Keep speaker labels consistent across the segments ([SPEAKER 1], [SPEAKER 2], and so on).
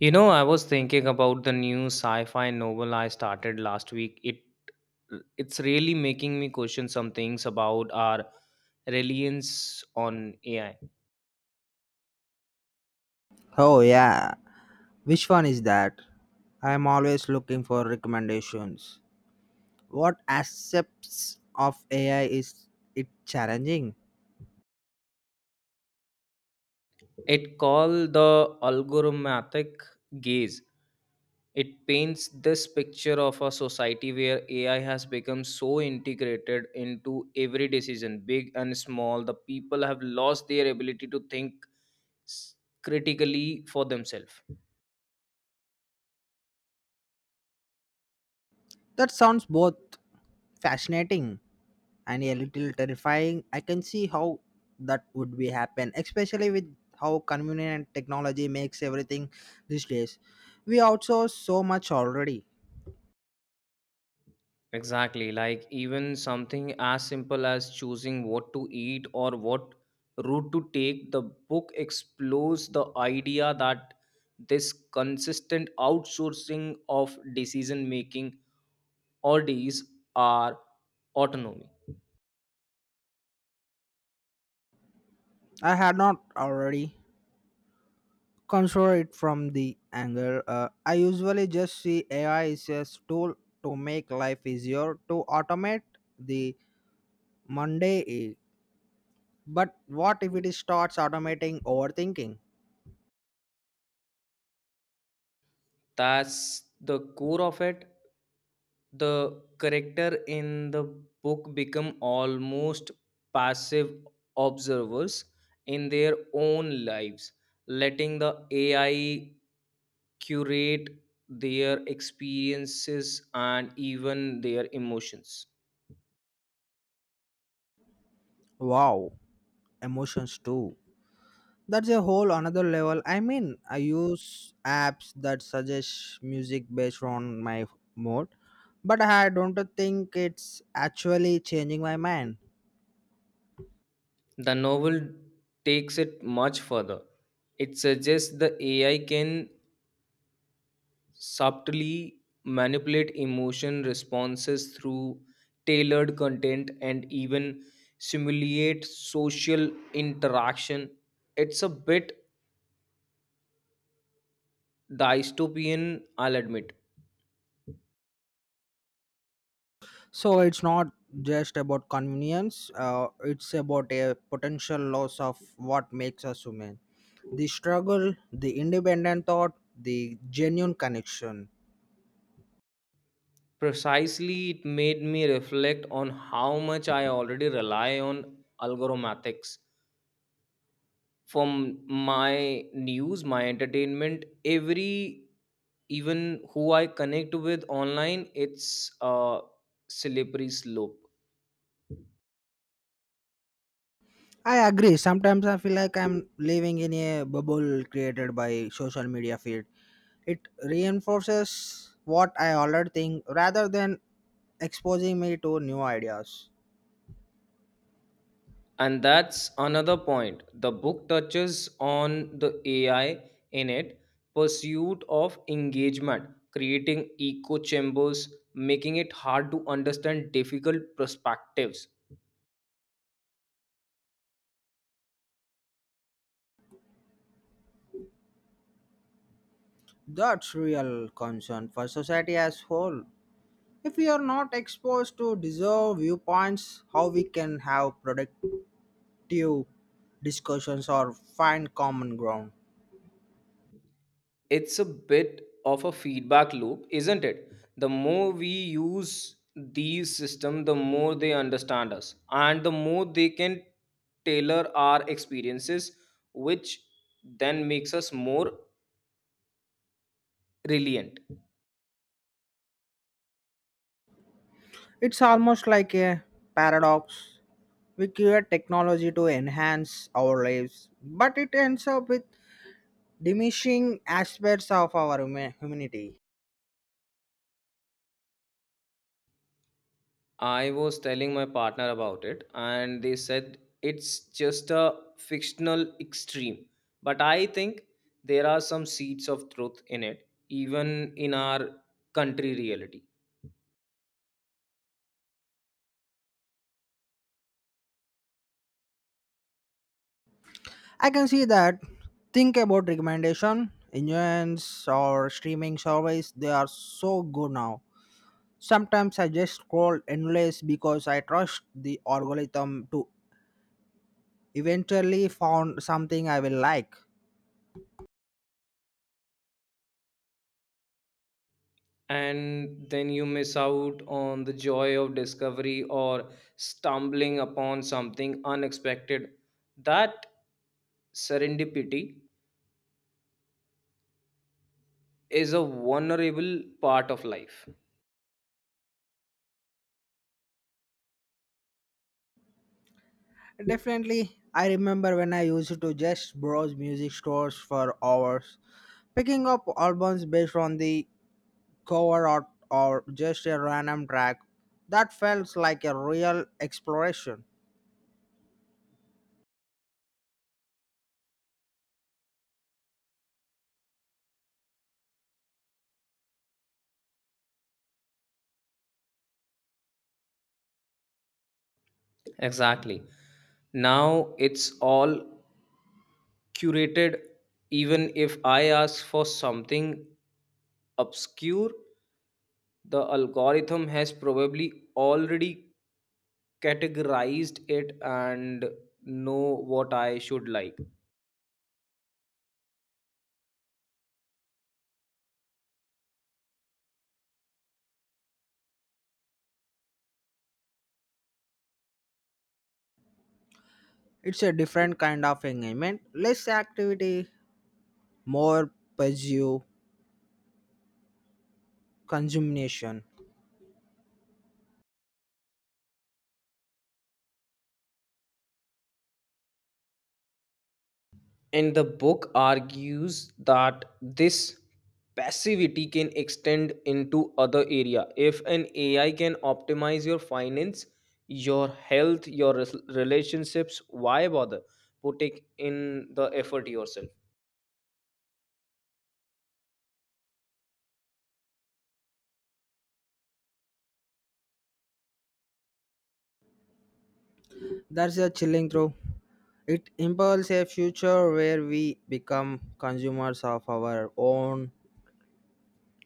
[SPEAKER 1] You know, I was thinking about the new sci-fi novel I started last week. It's really making me question some things about our reliance on AI.
[SPEAKER 2] Oh yeah, which one is that? I am always looking for recommendations. What aspects of AI is it challenging?
[SPEAKER 1] It called the algorithmic gaze. It paints this picture of a society where AI has become so integrated into every decision, big and small. The people have lost their ability to think s- critically for themselves.
[SPEAKER 2] That sounds both fascinating and a little terrifying. I can see how that would be happen, especially with how convenient technology makes everything these days. We outsource so much already.
[SPEAKER 1] Exactly. Like even something as simple as choosing what to eat or what route to take, the book explores the idea that this consistent outsourcing of decision making oddities are autonomy.
[SPEAKER 2] I had not already consider it from the angle, I usually just see AI is a tool to make life easier, to automate the monday, but what if it starts automating overthinking?
[SPEAKER 1] That's the core of it. The character in the book become almost passive observers in their own lives, letting the AI curate their experiences and even their emotions.
[SPEAKER 2] Wow, emotions too. That's a whole another level. I mean, I use apps that suggest music based on my mood, but I don't think it's actually changing my mind.
[SPEAKER 1] The novel takes it much further. It suggests the AI can subtly manipulate emotion responses through tailored content and even simulate social interaction. It's a bit dystopian, I'll admit.
[SPEAKER 2] So it's not just about convenience, it's about a potential loss of what makes us human. The struggle, the independent thought, the genuine connection.
[SPEAKER 1] Precisely, it made me reflect on how much I already rely on algorithmics for my news, my entertainment, every even who I connect with online, it's a slippery slope.
[SPEAKER 2] I agree. Sometimes I feel like I'm living in a bubble created by social media feed. It reinforces what I already think rather than exposing me to new ideas.
[SPEAKER 1] And that's another point. The book touches on the AI in it, pursuit of engagement, creating echo chambers, making it hard to understand difficult perspectives.
[SPEAKER 2] That's real concern for society as whole. If we are not exposed to diverse viewpoints, how we can have productive discussions or find common ground?
[SPEAKER 1] It's a bit of a feedback loop, isn't it? The more we use these systems, the more they understand us and the more they can tailor our experiences, which then makes us more resilient.
[SPEAKER 2] It's almost like a paradox. We create technology to enhance our lives, but it ends up with diminishing aspects of our humanity.
[SPEAKER 1] I was telling my partner about it and they said it's just a fictional extreme, but I think there are some seeds of truth in it, even in our country reality.
[SPEAKER 2] I can see that. Think about recommendation engines or streaming service. They are so good now. Sometimes I just scroll endless because I trust the algorithm to eventually found something I will like.
[SPEAKER 1] And then you miss out on the joy of discovery or stumbling upon something unexpected. That serendipity is a vulnerable part of life.
[SPEAKER 2] Definitely, I remember when I used to just browse music stores for hours, picking up albums based on the cover art or just a random track. That felt like a real exploration.
[SPEAKER 1] Exactly. Now it's all curated, even if I ask for something obscure, the algorithm has probably already categorized it and know what I should like.
[SPEAKER 2] It's a different kind of engagement, less activity, more passive consumption.
[SPEAKER 1] And the book argues that this passivity can extend into other area. If an AI can optimize your finance, your health, your relationships, why bother putting in the effort yourself?
[SPEAKER 2] That's a chilling through. It impels a future where we become consumers of our own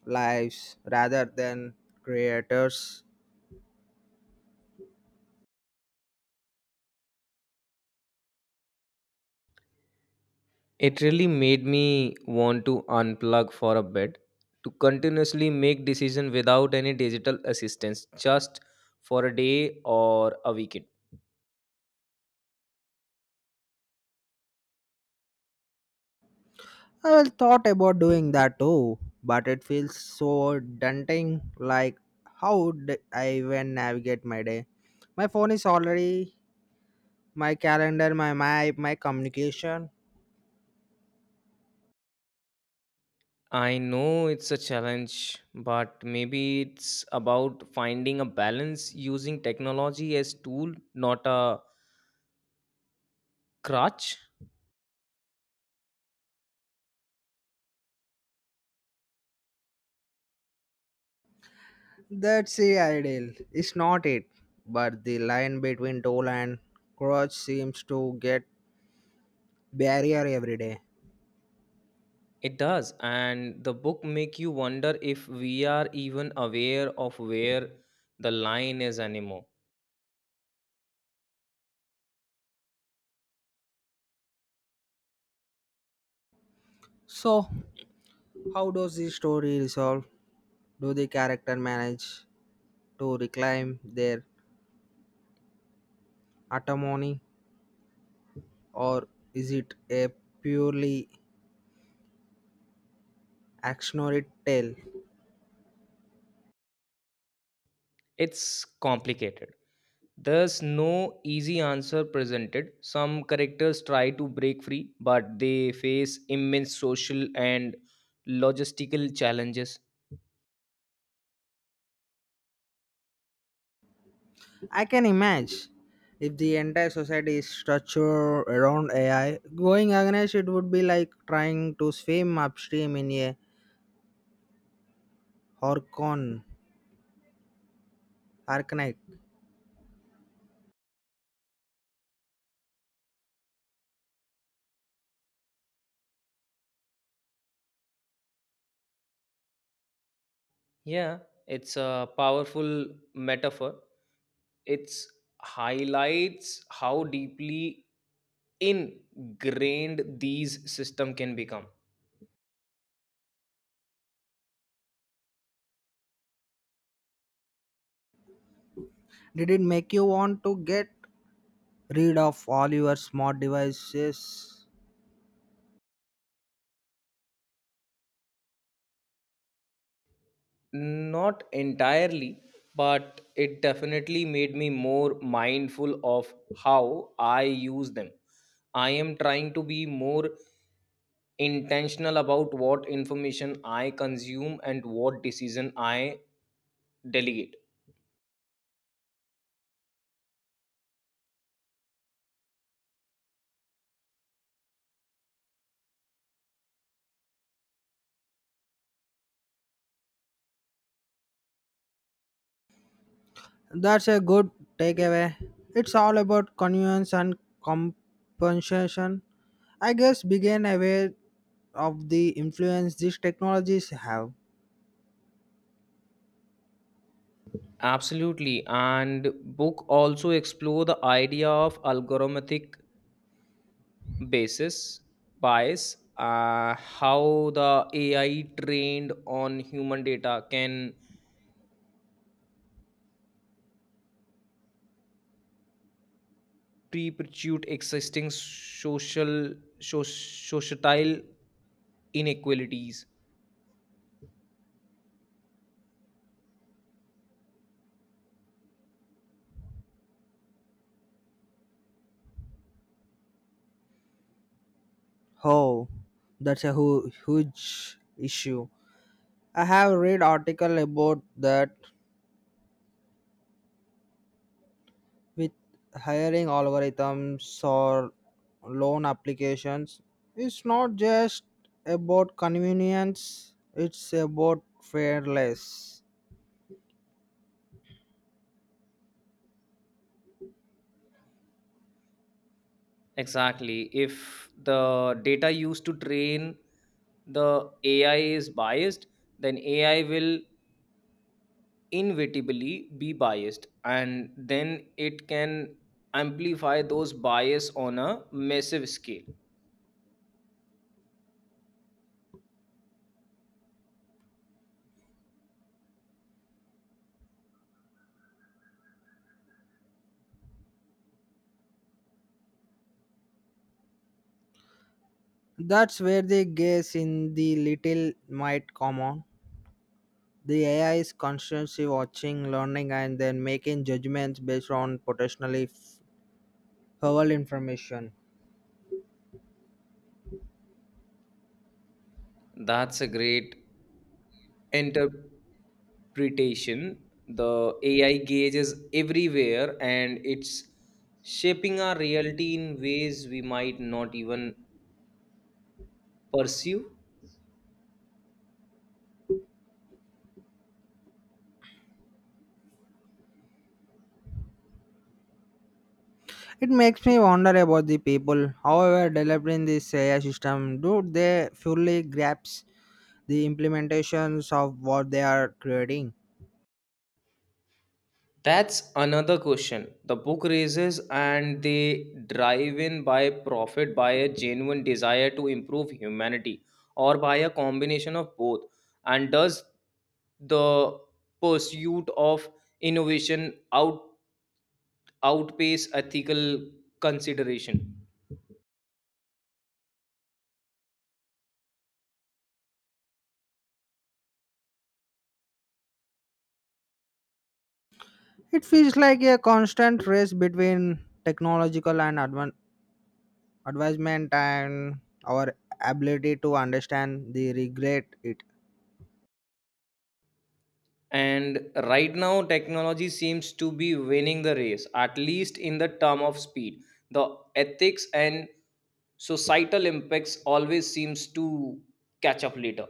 [SPEAKER 2] lives rather than creators.
[SPEAKER 1] It really made me want to unplug for a bit, to continuously make decision without any digital assistance, just for a day or a weekend.
[SPEAKER 2] I well thought about doing that too, but it feels so daunting. Like, how would I even navigate my day? My phone is already my calendar, my map, my communication.
[SPEAKER 1] I know it's a challenge, but maybe it's about finding a balance, using technology as tool, not a crutch.
[SPEAKER 2] That's the ideal. It's not it, but the line between tool and crutch seems to get barrier every day.
[SPEAKER 1] It does, and the book make you wonder if we are even aware of where the line is anymore.
[SPEAKER 2] So how does the story resolve? Do the character manage to reclaim their autonomy, or is it a purely actionary tale?
[SPEAKER 1] It's complicated. There's no easy answer presented. Some characters try to break free, but they face immense social and logistical challenges.
[SPEAKER 2] I can imagine if the entire society is structured around AI, going against it would be like trying to swim upstream in a horcon arcanite.
[SPEAKER 1] Yeah, it's a powerful metaphor. It's highlights how deeply ingrained these system can become.
[SPEAKER 2] Did it make you want to get rid of all your smart devices?
[SPEAKER 1] Not entirely, but it definitely made me more mindful of how I use them. I am trying to be more intentional about what information I consume and what decision I delegate.
[SPEAKER 2] That's a good takeaway. It's all about convenience and compensation. I guess begin aware of the influence these technologies have.
[SPEAKER 1] Absolutely. And book also explore the idea of algorithmic basis bias, how the AI trained on human data can perpetuate existing social societal inequalities.
[SPEAKER 2] Oh, that's a huge issue. I have read article about that with hiring algorithms or loan applications. It's not just about convenience, it's about fairness.
[SPEAKER 1] Exactly. If the data used to train the AI is biased, then AI will inevitably be biased and then it can amplify those bias on a massive scale.
[SPEAKER 2] That's where they guess in the little might come on. The AI is constantly watching, learning, and then making judgments based on potentially helpful information.
[SPEAKER 1] That's a great interpretation. The AI gauge is everywhere and it's shaping our reality in ways we might not even pursue.
[SPEAKER 2] It makes me wonder about the people. However, developing this AI system, do they fully grasp the implementations of what they are creating?
[SPEAKER 1] That's another question. The book raises and they drive in by profit by a genuine desire to improve humanity, or by a combination of both. And does the pursuit of innovation outpace ethical consideration?
[SPEAKER 2] It feels like a constant race between technological and advancement and our ability to understand the regret it.
[SPEAKER 1] And right now, technology seems to be winning the race, at least in the term of speed. The ethics and societal impacts always seems to catch up later.